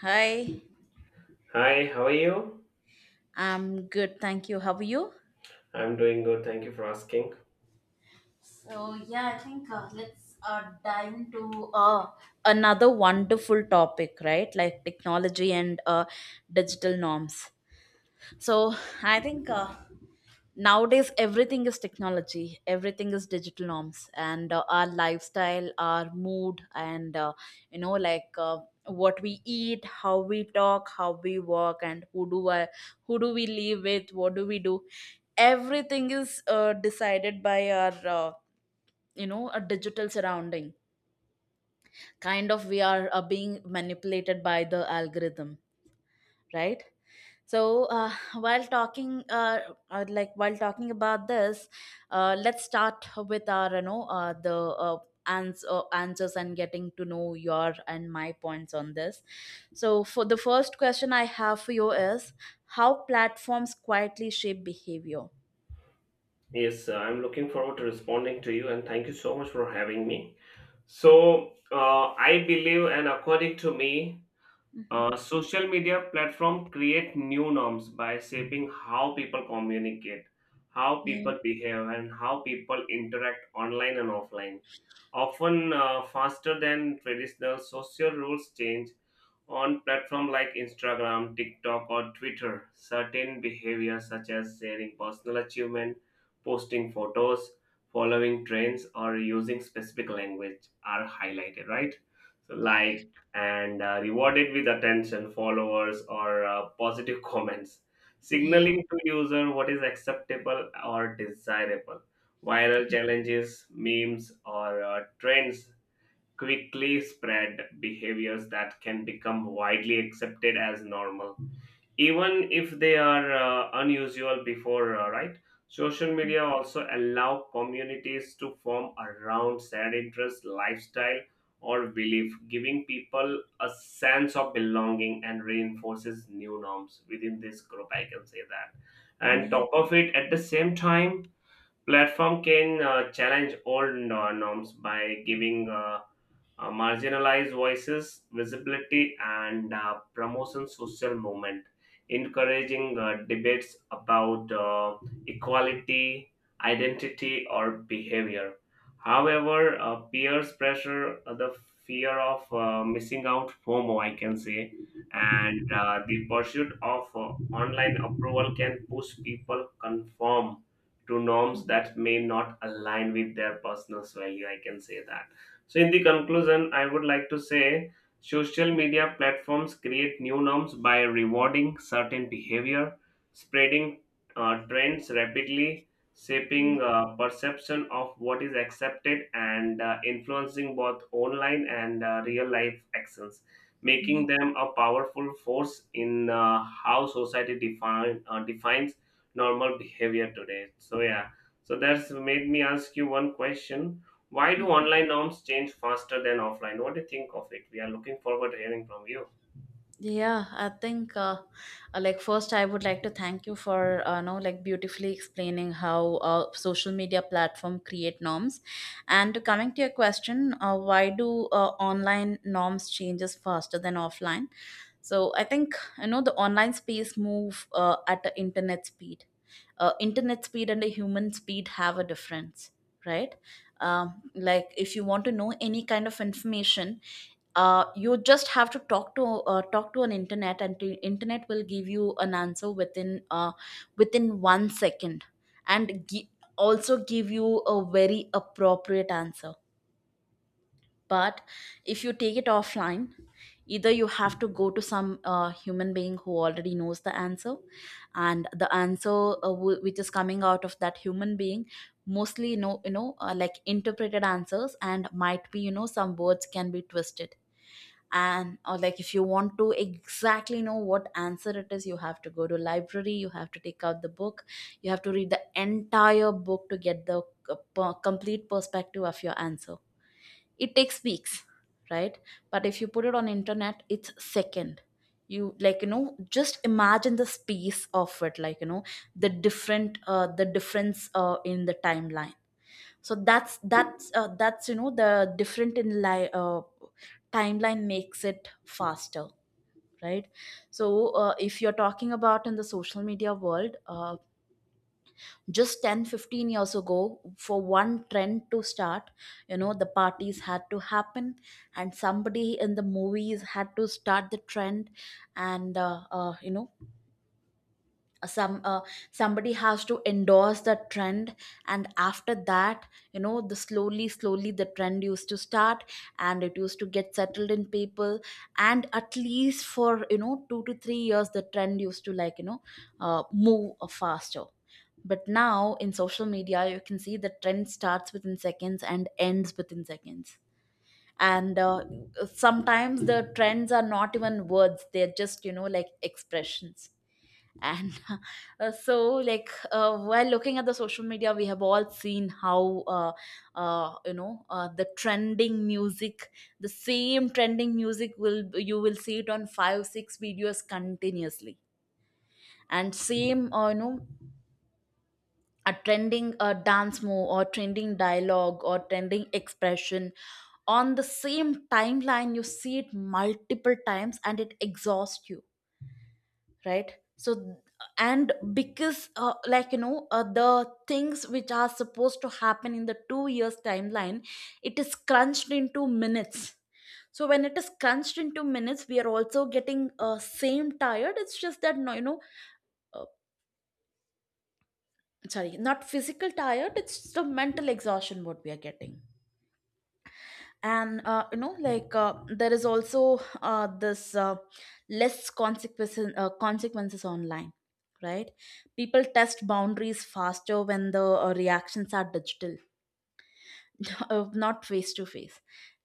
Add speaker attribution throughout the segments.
Speaker 1: Hi.
Speaker 2: Hi, how are you?
Speaker 1: I'm good, thank you. How are you?
Speaker 2: I'm doing good. Thank you for asking.
Speaker 1: So yeah, I think let's dive into another wonderful topic, right? Like technology and digital norms. So I think nowadays everything is technology, everything is digital norms and our lifestyle, our mood and you know like uh, what we eat, how we talk, how we work and who do we live with, what do we do. Everything is decided by our, a digital surrounding. Kind of we are being manipulated by the algorithm, right? So, while talking, uh, while talking about this, let's start with our answers and getting to know your and my points on this. So for the first question I have for you is how platforms quietly shape behavior.
Speaker 2: Yes, I'm looking forward to responding to you and thank you so much for having me. So, I believe and according to me,
Speaker 1: Mhm.
Speaker 2: social media platform create new norms by shaping how people communicate, how
Speaker 1: Yeah.
Speaker 2: people behave, and how people interact online and offline. Often faster than traditional social rules change. On platforms like Instagram, TikTok, or Twitter, certain behaviors such as sharing personal achievement, posting photos, following trends, or using specific language are highlighted, right? So, liked and rewarded with attention, followers, or positive comments,
Speaker 1: Yeah.
Speaker 2: signaling to user what is acceptable or desirable. Viral challenges, memes, or trends quickly spread behaviors that can become widely accepted as normal, even if they are unusual before, right? Social media also allow communities to form around shared interests, lifestyle, or belief, giving people a sense of belonging and reinforces new norms within this group. I can say that. And
Speaker 1: Yeah.
Speaker 2: top of it, at the same time, platform can challenge old norms by giving marginalized voices visibility and promotion social movement, encouraging debates about equality, identity, or behavior. However, peers pressure, the fear of missing out, FOMO, I can say, and the pursuit of online approval can push people conform to norms that may not align with their personal value, I can say that. So in the conclusion I would like to say social media platforms create new norms by rewarding certain behavior, spreading trends rapidly, shaping perception of what is accepted and influencing both online and real life actions, making them a powerful force in how society defines normal behavior today. So yeah, so that's made me ask you one question. Why do
Speaker 1: Yeah.
Speaker 2: online norms change faster than offline? What do you think of it? We are looking forward to hearing from you.
Speaker 1: Yeah, I think first I would like to thank you for know like beautifully explaining how social media platform create norms. And to coming to your question, why do online norms changes faster than offline? So I think you know the online space move at the internet speed. Internet speed and the human speed have a difference, right? If you want to know any kind of information, you just have to talk to an internet and the internet will give you an answer within 1 second and also give you a very appropriate answer. But if you take it offline, either you have to go to some human being who already knows the answer, and the answer, which is coming out of that human being, mostly interpreted answers, and might be, some words can be twisted. And or like if you want to exactly know what answer it is, you have to go to library, you have to take out the book, you have to read the entire book to get the complete perspective of your answer. It takes weeks, right? But if you put it on internet, it's second. You, like, you know, just imagine the space of it, like, you know, the different the difference in the timeline. So that's the different in timeline makes it faster, right? So, if you're talking about in the social media world, just 10 15 years ago, for one trend to start, you know, the parties had to happen, and somebody in the movies had to start the trend, and some uh, somebody has to endorse the trend. And after that, you know, the slowly slowly the trend used to start, and it used to get settled in people, and at least for, you know, 2 to 3 years the trend used to move faster. But now in social media you can see the trend starts within seconds and ends within seconds. And sometimes the trends are not even words, they're just, you know, like expressions. And so while looking at the social media, we have all seen how the trending music, the same trending music will, you will see it on five six videos continuously. And same you know, a trending dance move or trending dialogue or trending expression on the same timeline you see it multiple times and it exhausts you, right? So, and because the things which are supposed to happen in the 2 years timeline, it is crunched into minutes. So when it is crunched into minutes, we are also getting same tired, it's just that, no, you know, uh, sorry, not physical tired, it's the mental exhaustion what we are getting. And there is also this less consequences online, right? People test boundaries faster when the reactions are digital, not face to face.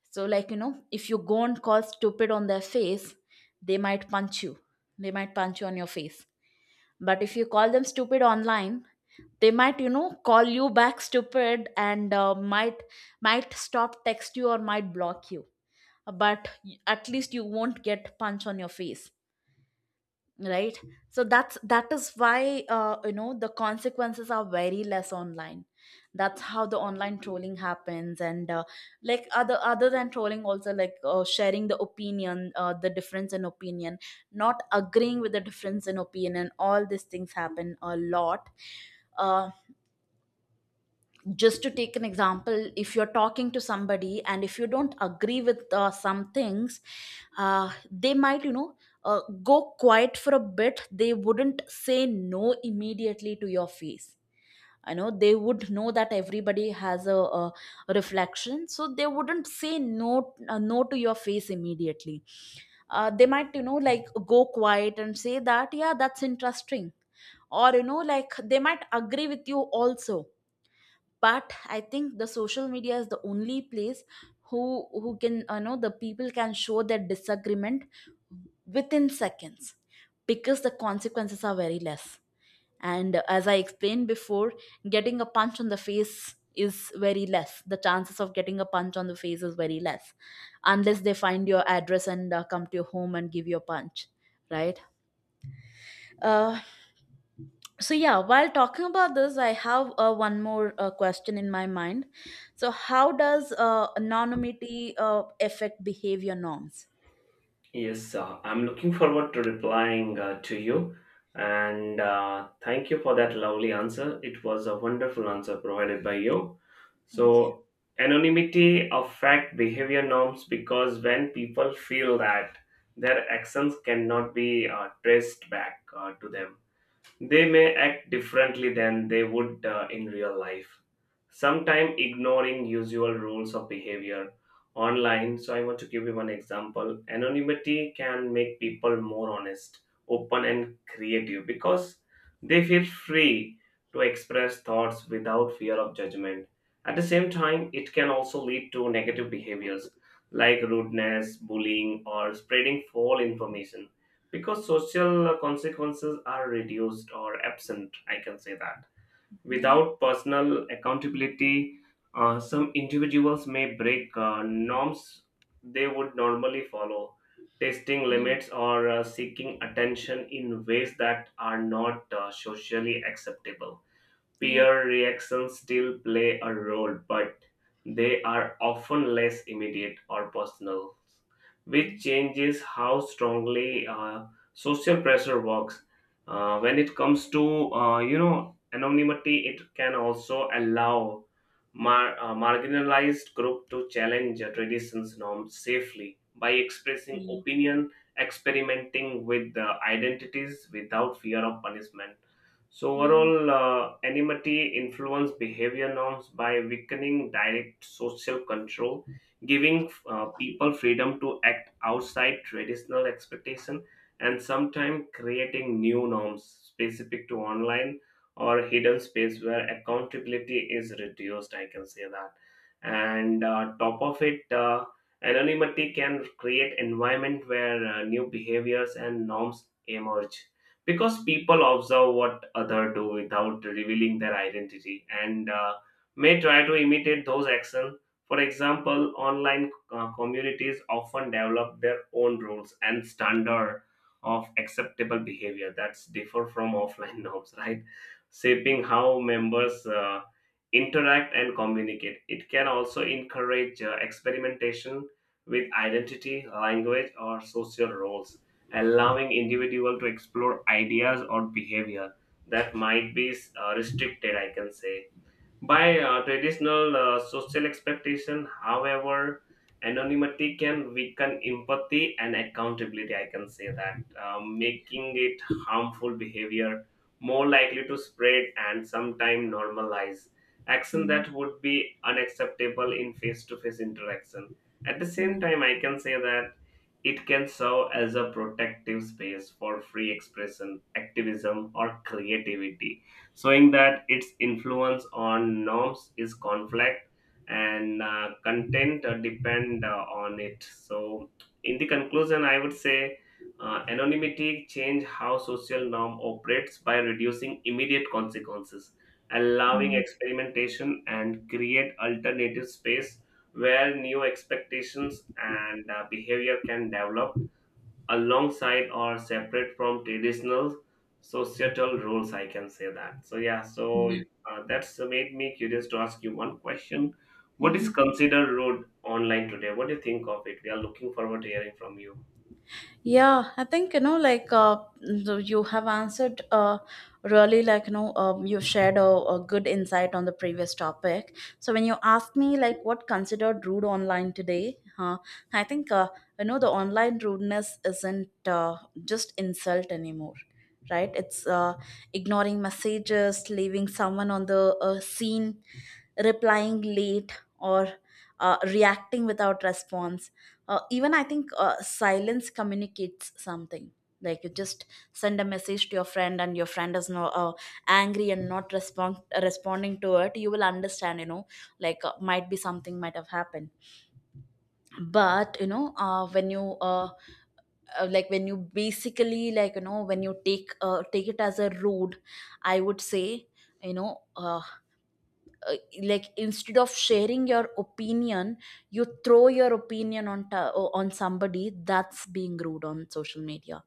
Speaker 1: So, like, you know, if you go and call stupid on their face, they might punch you, they might punch you on your face. But if you call them stupid online, they might, you know, call you back stupid and might stop text you or might block you. But at least you won't get punch on your face, right? So that is why, the consequences are very less online. That's how the online trolling happens, and other than trolling also, like, sharing the opinion, the difference in opinion, not agreeing with the difference in opinion, all these things happen a lot. Uh, just to take an example, if you're talking to somebody and if you don't agree with some things, they might, you know, go quiet for a bit, they wouldn't say no immediately to your face. I know they would know that everybody has a reflection, so they wouldn't say no to your face immediately. They might, you know, like, go quiet and say that, yeah, that's interesting, or, you know, like, they might agree with you also. But I think the social media is the only place who can you know the people can show their disagreement within seconds, because the consequences are very less. And as I explained before, getting a punch on the face is very less, the chances of getting a punch on the face is very less, unless they find your address and come to your home and give you a punch, right? Uh, so yeah, while talking about this, I have one more question in my mind. So how does anonymity affect behavior norms?
Speaker 2: Yes, I'm looking forward to replying to you. And thank you for that lovely answer. It was a wonderful answer provided by you.
Speaker 1: Okay.
Speaker 2: So, anonymity affect behavior norms because when people feel that their actions cannot be traced back to them, they may act differently than they would in real life, sometimes ignoring usual rules of behavior online. So, I want to give you one example. Anonymity can make people more honest, open, and creative because they feel free to express thoughts without fear of judgment. At the same time, it can also lead to negative behaviors like rudeness, bullying, or spreading false information because social consequences are reduced or absent, I can say that.
Speaker 1: Yeah,
Speaker 2: Without personal accountability some individuals may break norms they would normally follow, testing
Speaker 1: yeah,
Speaker 2: limits or seeking attention in ways that are not socially acceptable.
Speaker 1: yeah.
Speaker 2: Peer reactions still play a role, but they are often less immediate or personal, which
Speaker 1: Yeah.
Speaker 2: changes how strongly social pressure works. When it comes to anonymity, it can also allow marginalized group to challenge traditions norms safely by expressing
Speaker 1: Yeah. Yeah.
Speaker 2: opinion, experimenting with the identities without fear of punishment. So
Speaker 1: Yeah.
Speaker 2: overall, anonymity influence behavior norms by weakening direct social control, giving people freedom to act outside traditional expectation, and sometimes creating new norms specific to online or hidden space where accountability is reduced. I can say that. And top of it, anonymity can create environment where new behaviors and norms emerge because people observe what other do without revealing their identity and may try to imitate those actions. For example, online communities often develop their own rules and standard of acceptable behavior that's differ from offline norms, right, shaping how members interact and communicate. It can also encourage experimentation with identity, language, or social roles, allowing individual to explore ideas or behavior that might be restricted, I can say, by traditional social expectation. However, anonymity can weaken empathy and accountability. I can say that, making it harmful behavior more likely to spread and sometimes normalize action
Speaker 1: Mm,
Speaker 2: that would be unacceptable in face to face interaction. At the same
Speaker 1: yeah.
Speaker 2: time, I can say that it can serve as a protective space for free expression, activism, or creativity, showing that its influence on norms is conflict and content depend on it. So, in the conclusion, I would say anonymity change how social norm operates by reducing immediate consequences, allowing experimentation, and create alternative space where new expectations and behavior can develop alongside or separate from traditional societal roles, I can say that. So yeah, so
Speaker 1: Yeah.
Speaker 2: that's made me curious to ask you one question. What is
Speaker 1: Mhm.
Speaker 2: considered rude online today? What do you think of it? We are looking forward to hearing from you.
Speaker 1: Yeah, I think, you know, like, you have answered, really, like, you know, you've shared a good insight on the previous topic. So when you asked me like what considered rude online today, I think, you know, the online rudeness isn't just insult anymore, right? It's ignoring messages, leaving someone on the scene, replying late, or reacting without response. Even I think silence communicates something. Like, you just send a message to your friend, and your friend is no, angry and not responding to it, you will understand, you know, like, might be something might have happened. But you know, when you when you basically, like, you know, when you take, it as a rude, I would say, you know, uh, uh, instead of sharing your opinion, you throw your opinion on on somebody, that's being rude on social media,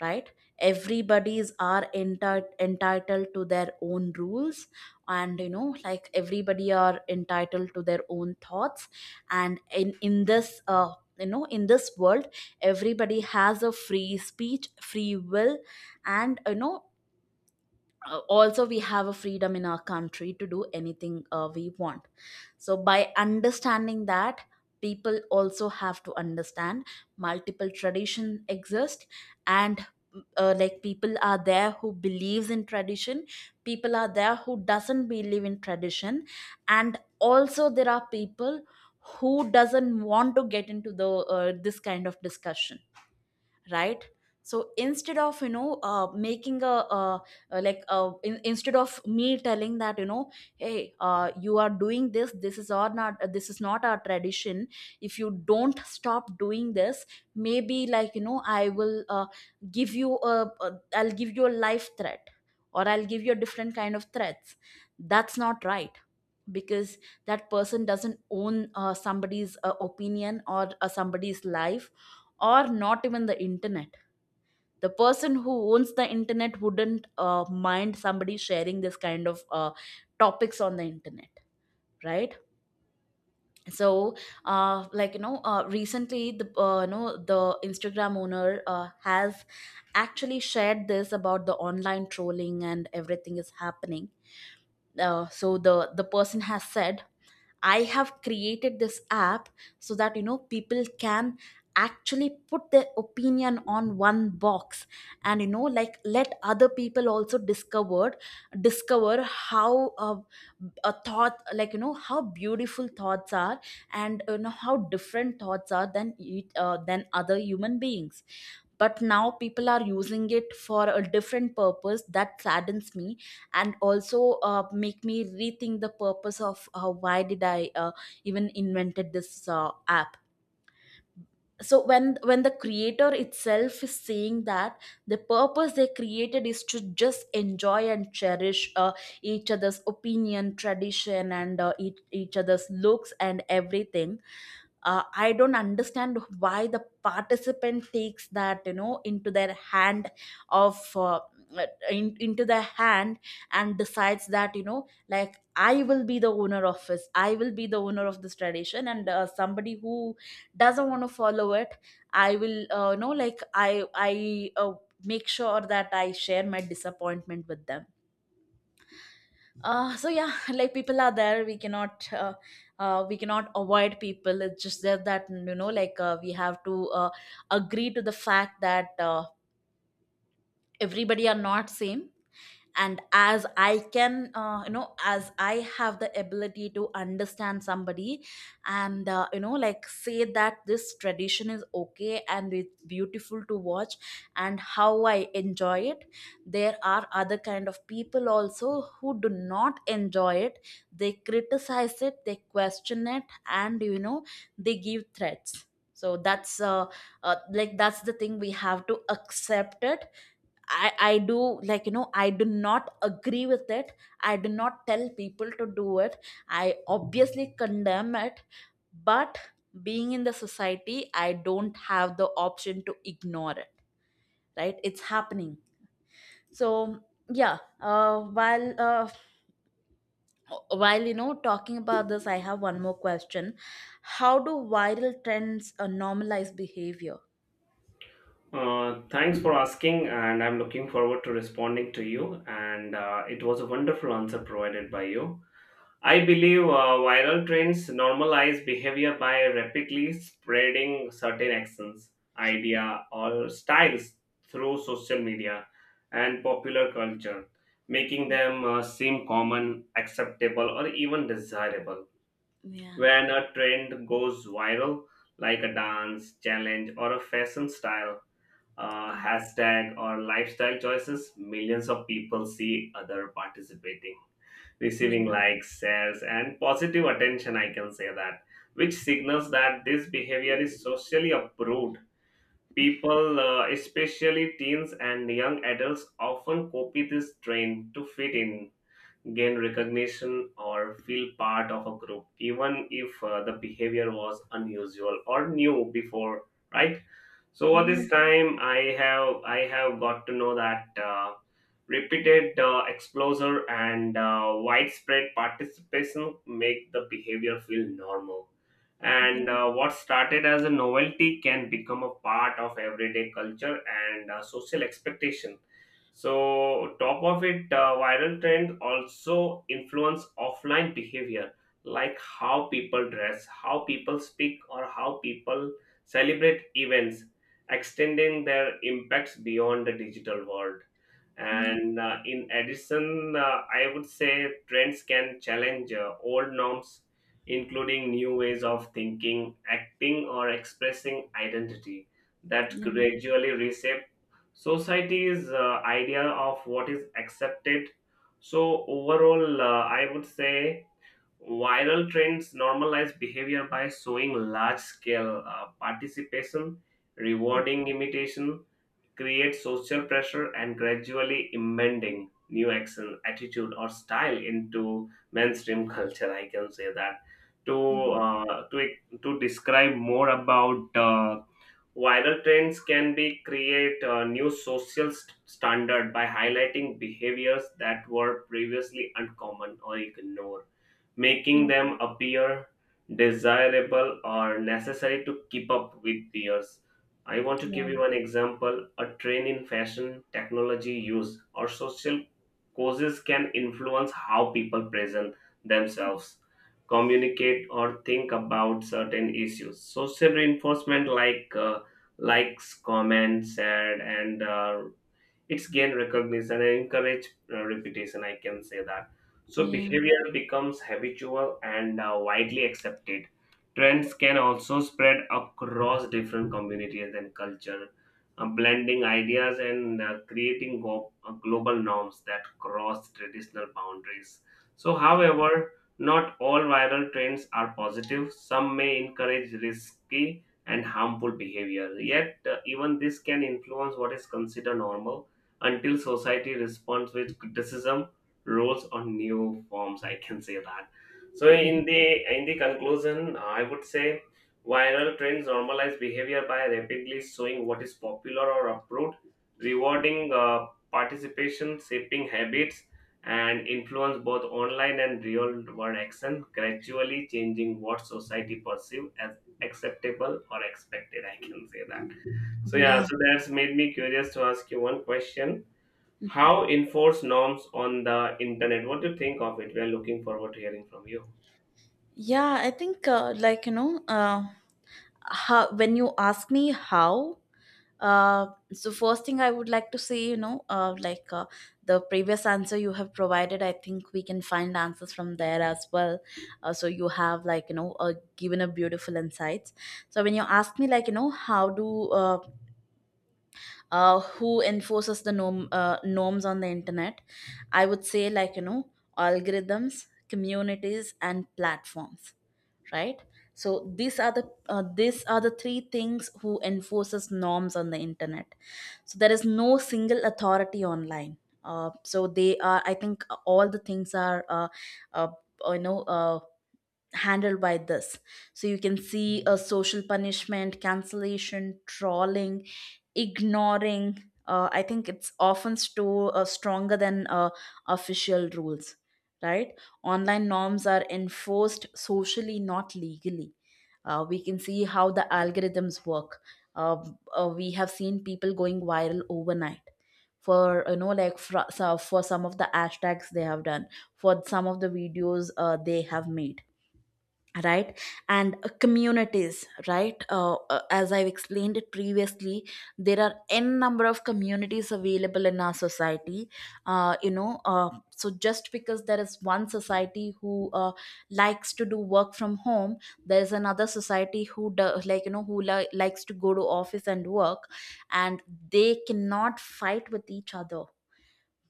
Speaker 1: right? Everybody is are entitled to their own rules, and, you know, like, everybody are entitled to their own thoughts. And in this, you know, in this world everybody has a free speech, free will. And, you know, also we have a freedom in our country to do anything we want. So by understanding that, people also have to understand multiple tradition exist. And people are there who believes in tradition, people are there who doesn't believe in tradition, and also there are people who doesn't want to get into the, this kind of discussion, right? So, instead of you know making a, uh like in, instead of me telling that, you know, hey, you are doing this, this is or not this is not our tradition. If you don't stop doing this, maybe, like, you know, I'll give you a life threat, or I'll give you a different kind of threats. That's not right. Because that person doesn't own somebody's opinion, or somebody's life, or not even the internet. The person who owns the internet wouldn't mind somebody sharing this kind of topics on the internet, right? So, recently the, the Instagram owner has actually shared this about the online trolling and everything is happening. So, the person has said, I have created this app so that, you know, people can actually put their opinion on one box, and, you know, like, let other people also discover how a thought, like, you know, how beautiful thoughts are, and, you know, how different thoughts are than than other human beings. But now people are using it for a different purpose, that saddens me, and also make me rethink the purpose of, why did I even invented this app. So when the creator itself is saying that the purpose they created is to just enjoy and cherish each other's opinion, tradition, and each other's looks and everything, I don't understand why the participant takes that into their hand of uh, into their hand and decides that you know like I will be the owner of this, I will be the owner of this tradition. And somebody who doesn't want to follow it, I will like I make sure that I share my disappointment with them. So yeah, like people are there, we cannot avoid people. It's just that like we have to agree to the fact that everybody are not same. And as I can you know as I have the ability to understand somebody, and like say that this tradition is okay and it's beautiful to watch, and how I enjoy it. There are other kind of people also who do not enjoy it. They criticize it, they question it, and they give threats. So that's like that's the thing, we have to accept it. I do, like I do not agree with it. I do not tell people to do it. I obviously condemn it. But being in the society, I don't have the option to ignore it. Right, it's happening. So yeah. While talking about this, I have one more question. How do viral trends normalize behavior?
Speaker 2: Thanks for asking and I'm looking forward to responding to you and it was a wonderful answer provided by you. I believe viral trends normalize behavior by rapidly spreading certain actions, idea, or styles through social media and popular culture, making them seem common, acceptable, or even desirable.
Speaker 1: Yeah,
Speaker 2: When a trend goes viral, like a dance, challenge, or a fashion style,
Speaker 1: yeah,
Speaker 2: hashtag, or lifestyle choices, millions of people see other participating,
Speaker 1: yeah,
Speaker 2: receiving likes, shares, and positive attention, I can say that, which signals that this behavior is socially approved. People, especially teens and young adults, often copy this trend to fit in, gain recognition, or feel part of a group, even if the behavior was unusual or new before, right? So over this
Speaker 1: yeah,
Speaker 2: time, I have got to know that repeated exposure and widespread participation make the behavior feel normal. And
Speaker 1: yeah,
Speaker 2: what started as a novelty can become a part of everyday culture and social expectation. So, top of it, viral trends also influence offline behavior, like how people dress, how people speak, or how people celebrate events, extending their impacts beyond the digital world. And in addition, I would say trends can challenge old norms, including new ways of thinking, acting, or expressing identity that
Speaker 1: yeah,
Speaker 2: gradually reshape society's idea of what is accepted. So, overall, I would say viral trends normalize behavior by showing large scale participation, rewarding imitation, create social pressure, and gradually embedding new action, attitude, or style into mainstream culture. I can say that. To, uh, to to describe more about viral trends can be create a new social standard by highlighting behaviors that were previously uncommon or ignored, making
Speaker 1: yeah,
Speaker 2: them appear desirable or necessary to keep up with peers. I want to
Speaker 1: yeah.
Speaker 2: give you an example. A trend in fashion, technology use, or social causes can influence how people present themselves, communicate, or think about certain issues. Social reinforcement like likes, comments, shared, and it's gain recognition and encourage repetition, I can say that. So
Speaker 1: Yeah,
Speaker 2: behavior becomes habitual and widely accepted. Trends can also spread across different communities and culture, blending ideas and creating global norms that cross traditional boundaries. So however, not all viral trends are positive, some may encourage risky and harmful behavior, yet even this can influence what is considered normal until society responds with criticism, rolls on new forms, I can say that. So in the conclusion I would say viral trends normalize behavior by rapidly showing what is popular or approved, rewarding participation, shaping habits, and influence both online and real world action, gradually changing what society perceive as acceptable or expected, I can say that. So yeah,
Speaker 1: yeah,
Speaker 2: so that's made me curious to ask you one question. How enforce norms on the internet? What do you think of it? We are looking forward to hearing from you.
Speaker 1: yeah. I think, like how when you ask me how, uh, so first thing I would like to say, like the previous answer you have provided, I think we can find answers from there as well. So you have, like given a beautiful insights. So when you ask me, like how do who enforces the norms on the internet, I would say, like algorithms, communities, and platforms, right? So these are the three things who enforces norms on the internet. So there is no single authority online. So they are I think all the things are uh, you know uh, handled by this. So you can see, a social punishment, cancellation, trolling, ignoring, I think it's often store stronger than official rules, right? Online norms are enforced socially, not legally. We can see how the algorithms work. uh, we have seen people going viral overnight for, like for some of the hashtags they have done, for some of the videos they have made, right? And communities, right? As I've explained it previously, there are n number of communities available in our society. uh, you know uh, so just because there is one society who likes to do work from home, there is another society who like likes to go to office and work, and they cannot fight with each other.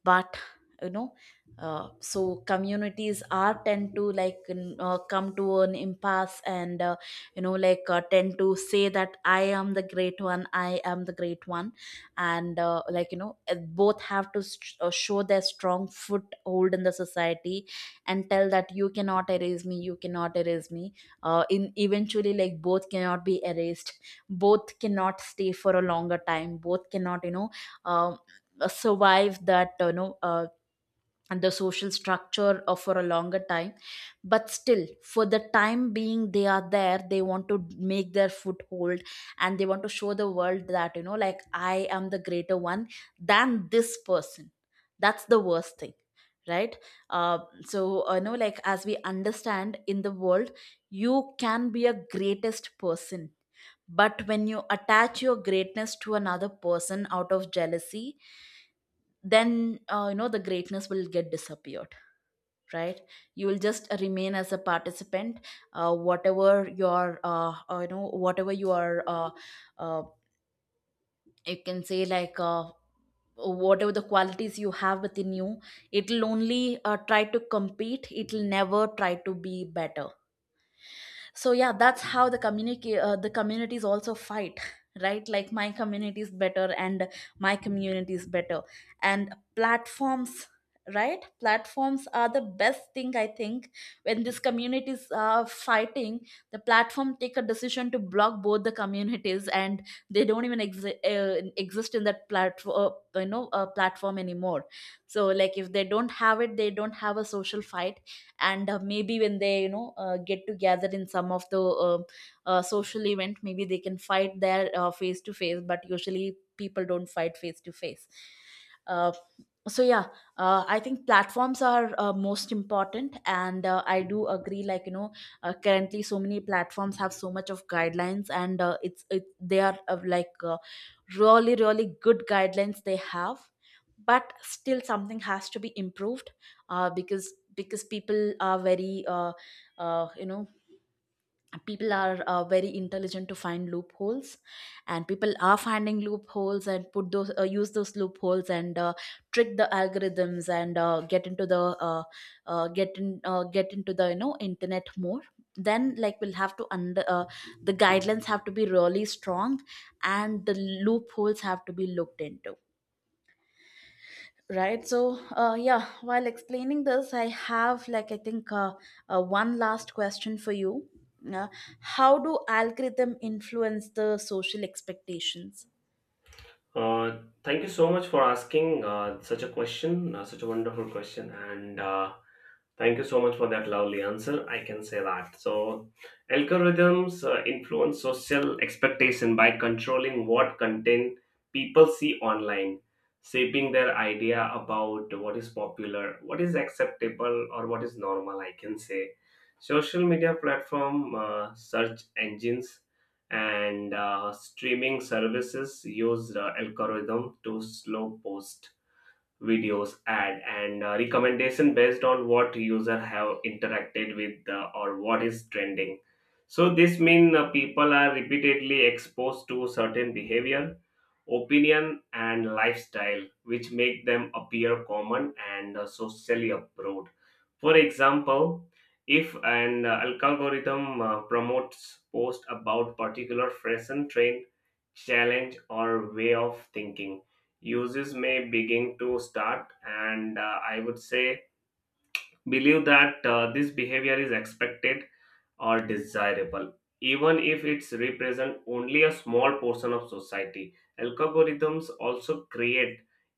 Speaker 1: But you know so communities are tend to come to an impasse, and tend to say that I am the great one, I am the great one. And like both have to show their strong foothold in the society, and tell that you cannot erase me, you cannot erase me. In Eventually, like both cannot be erased, both cannot stay for a longer time, both cannot um, survive that, and the social structure for a longer time. But still for the time being, they are there, they want to make their foothold, and they want to show the world that like I am the greater one than this person. That's the worst thing, right? So like as we understand in the world, you can be a greatest person, but when you attach your greatness to another person out of jealousy, then the greatness will get disappeared, right? You will just remain as a participant. Uh, whatever your you know whatever your uh, you can say, like whatever the qualities you have within you, it'll only try to compete, it'll never try to be better. So yeah, that's how the communities also fight, right? Like my community is better, and my community is better. And platforms, right? Platforms are the best thing, I think. When these communities are fighting, the platform take a decision to block both the communities, and they don't even exist in that platform, platform anymore. So like if they don't have it, they don't have a social fight. And maybe when they get together in some of the social event, maybe they can fight there face to face, but usually people don't fight face to face. Uh, so yeah, I think platforms are most important, and I do agree, like currently so many platforms have so much of guidelines, and they are like really really good guidelines they have. But still something has to be improved, because uh, you know people are very intelligent to find loopholes. And people are finding loopholes and put those use those loopholes, and trick the algorithms, and get into the internet more. Then like we'll have to under the guidelines have to be really strong, and the loopholes have to be looked into. Right. So, yeah, while explaining this, I have, like I think, one last question for you. Uh, how do algorithm influence the social expectations?
Speaker 2: Uh, Thank you so much for asking such a question, such a wonderful question, and. Thank you so much for that lovely answer. I can say that. So, algorithms influence social expectation by controlling what content people see online, shaping their idea about what is popular, what is acceptable, or what is normal. I can say social media platform, search engines, and streaming services use the algorithm to slow post videos, ad, and recommendation based on what user have interacted with or what is trending. So this mean people are repeatedly exposed to certain behavior, opinion, and lifestyle, which make them appear common and socially approved. For example, if an algorithm promotes post about particular fashion trend, challenge, or way of thinking, uses may begin to start and I would say believe that this behavior is expected or desirable, even if it's represent only a small portion of society. Algorithms also create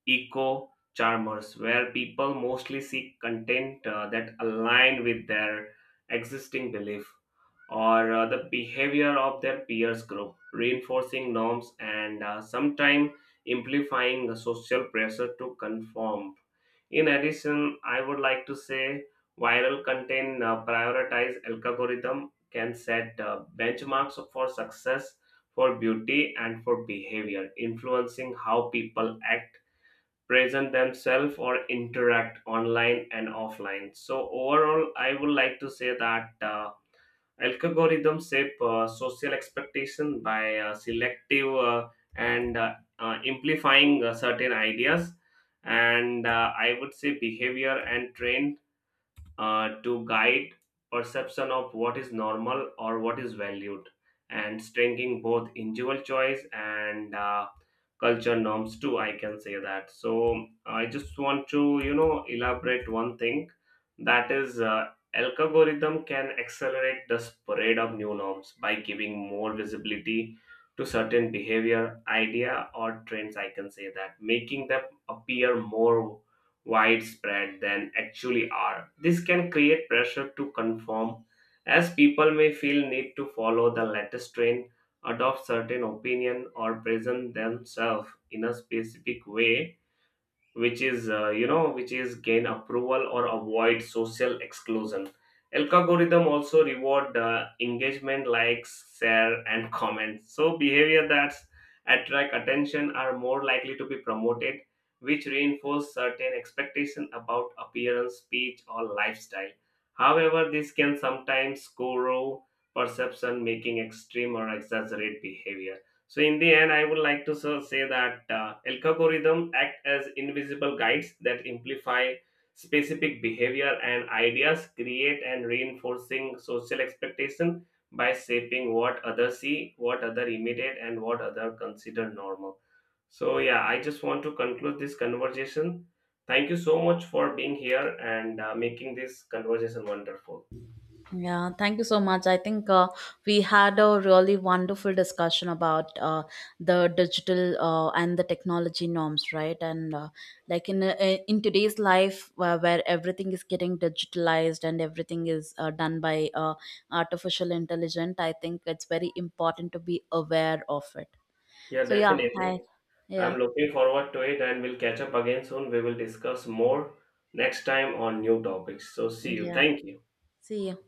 Speaker 2: eco charmers where people mostly seek content that align with their existing belief or the behavior of their peers group, reinforcing norms and sometimes amplifying the social pressure to conform. In addition, I would like to say viral content prioritize algorithm can set benchmarks for success, for beauty, and for behavior, influencing how people act, present themselves, or interact online and offline. So overall, I would like to say that. Algorithms shape social expectation by selective and amplifying certain ideas and I would say behavior and trend to guide perception of what is normal or what is valued, and strengthening both individual choice and culture norms too, I can say that. So I just want to you know elaborate one thing, that is algorithm can accelerate the spread of new norms by giving more visibility to certain behavior, idea, or trends, I can say that, making them appear more widespread than actually are. This can create pressure to conform, as people may feel need to follow the latest trend, adopt certain opinion, or present themselves in a specific way which is which is gain approval or avoid social exclusion. Algorithm also reward engagement, likes, share, and comments, so behavior that attract attention are more likely to be promoted, which reinforce certain expectation about appearance, speech, or lifestyle. However, this can sometimes corrode perception, making extreme or exaggerate behavior. So in the end, I would like to say that algorithm act as invisible guides that amplify specific behavior and ideas, create and reinforcing social expectation by shaping what others see, what other imitate, and what other consider normal. So yeah, I just want to conclude this conversation. Thank you so much for being here and making this conversation wonderful.
Speaker 1: Yeah, thank you so much. I think we had a really wonderful discussion about the digital and the technology norms, right? And like in today's life, where everything is getting digitalized and everything is done by artificial intelligence, I think it's very important to be aware of it.
Speaker 2: Yeah,
Speaker 1: So yeah, I,
Speaker 2: definitely.
Speaker 1: yeah,
Speaker 2: I'm looking forward to it and we'll catch up again soon. We will discuss more next time on new topics. So, see you.
Speaker 1: yeah.
Speaker 2: Thank you.
Speaker 1: See you.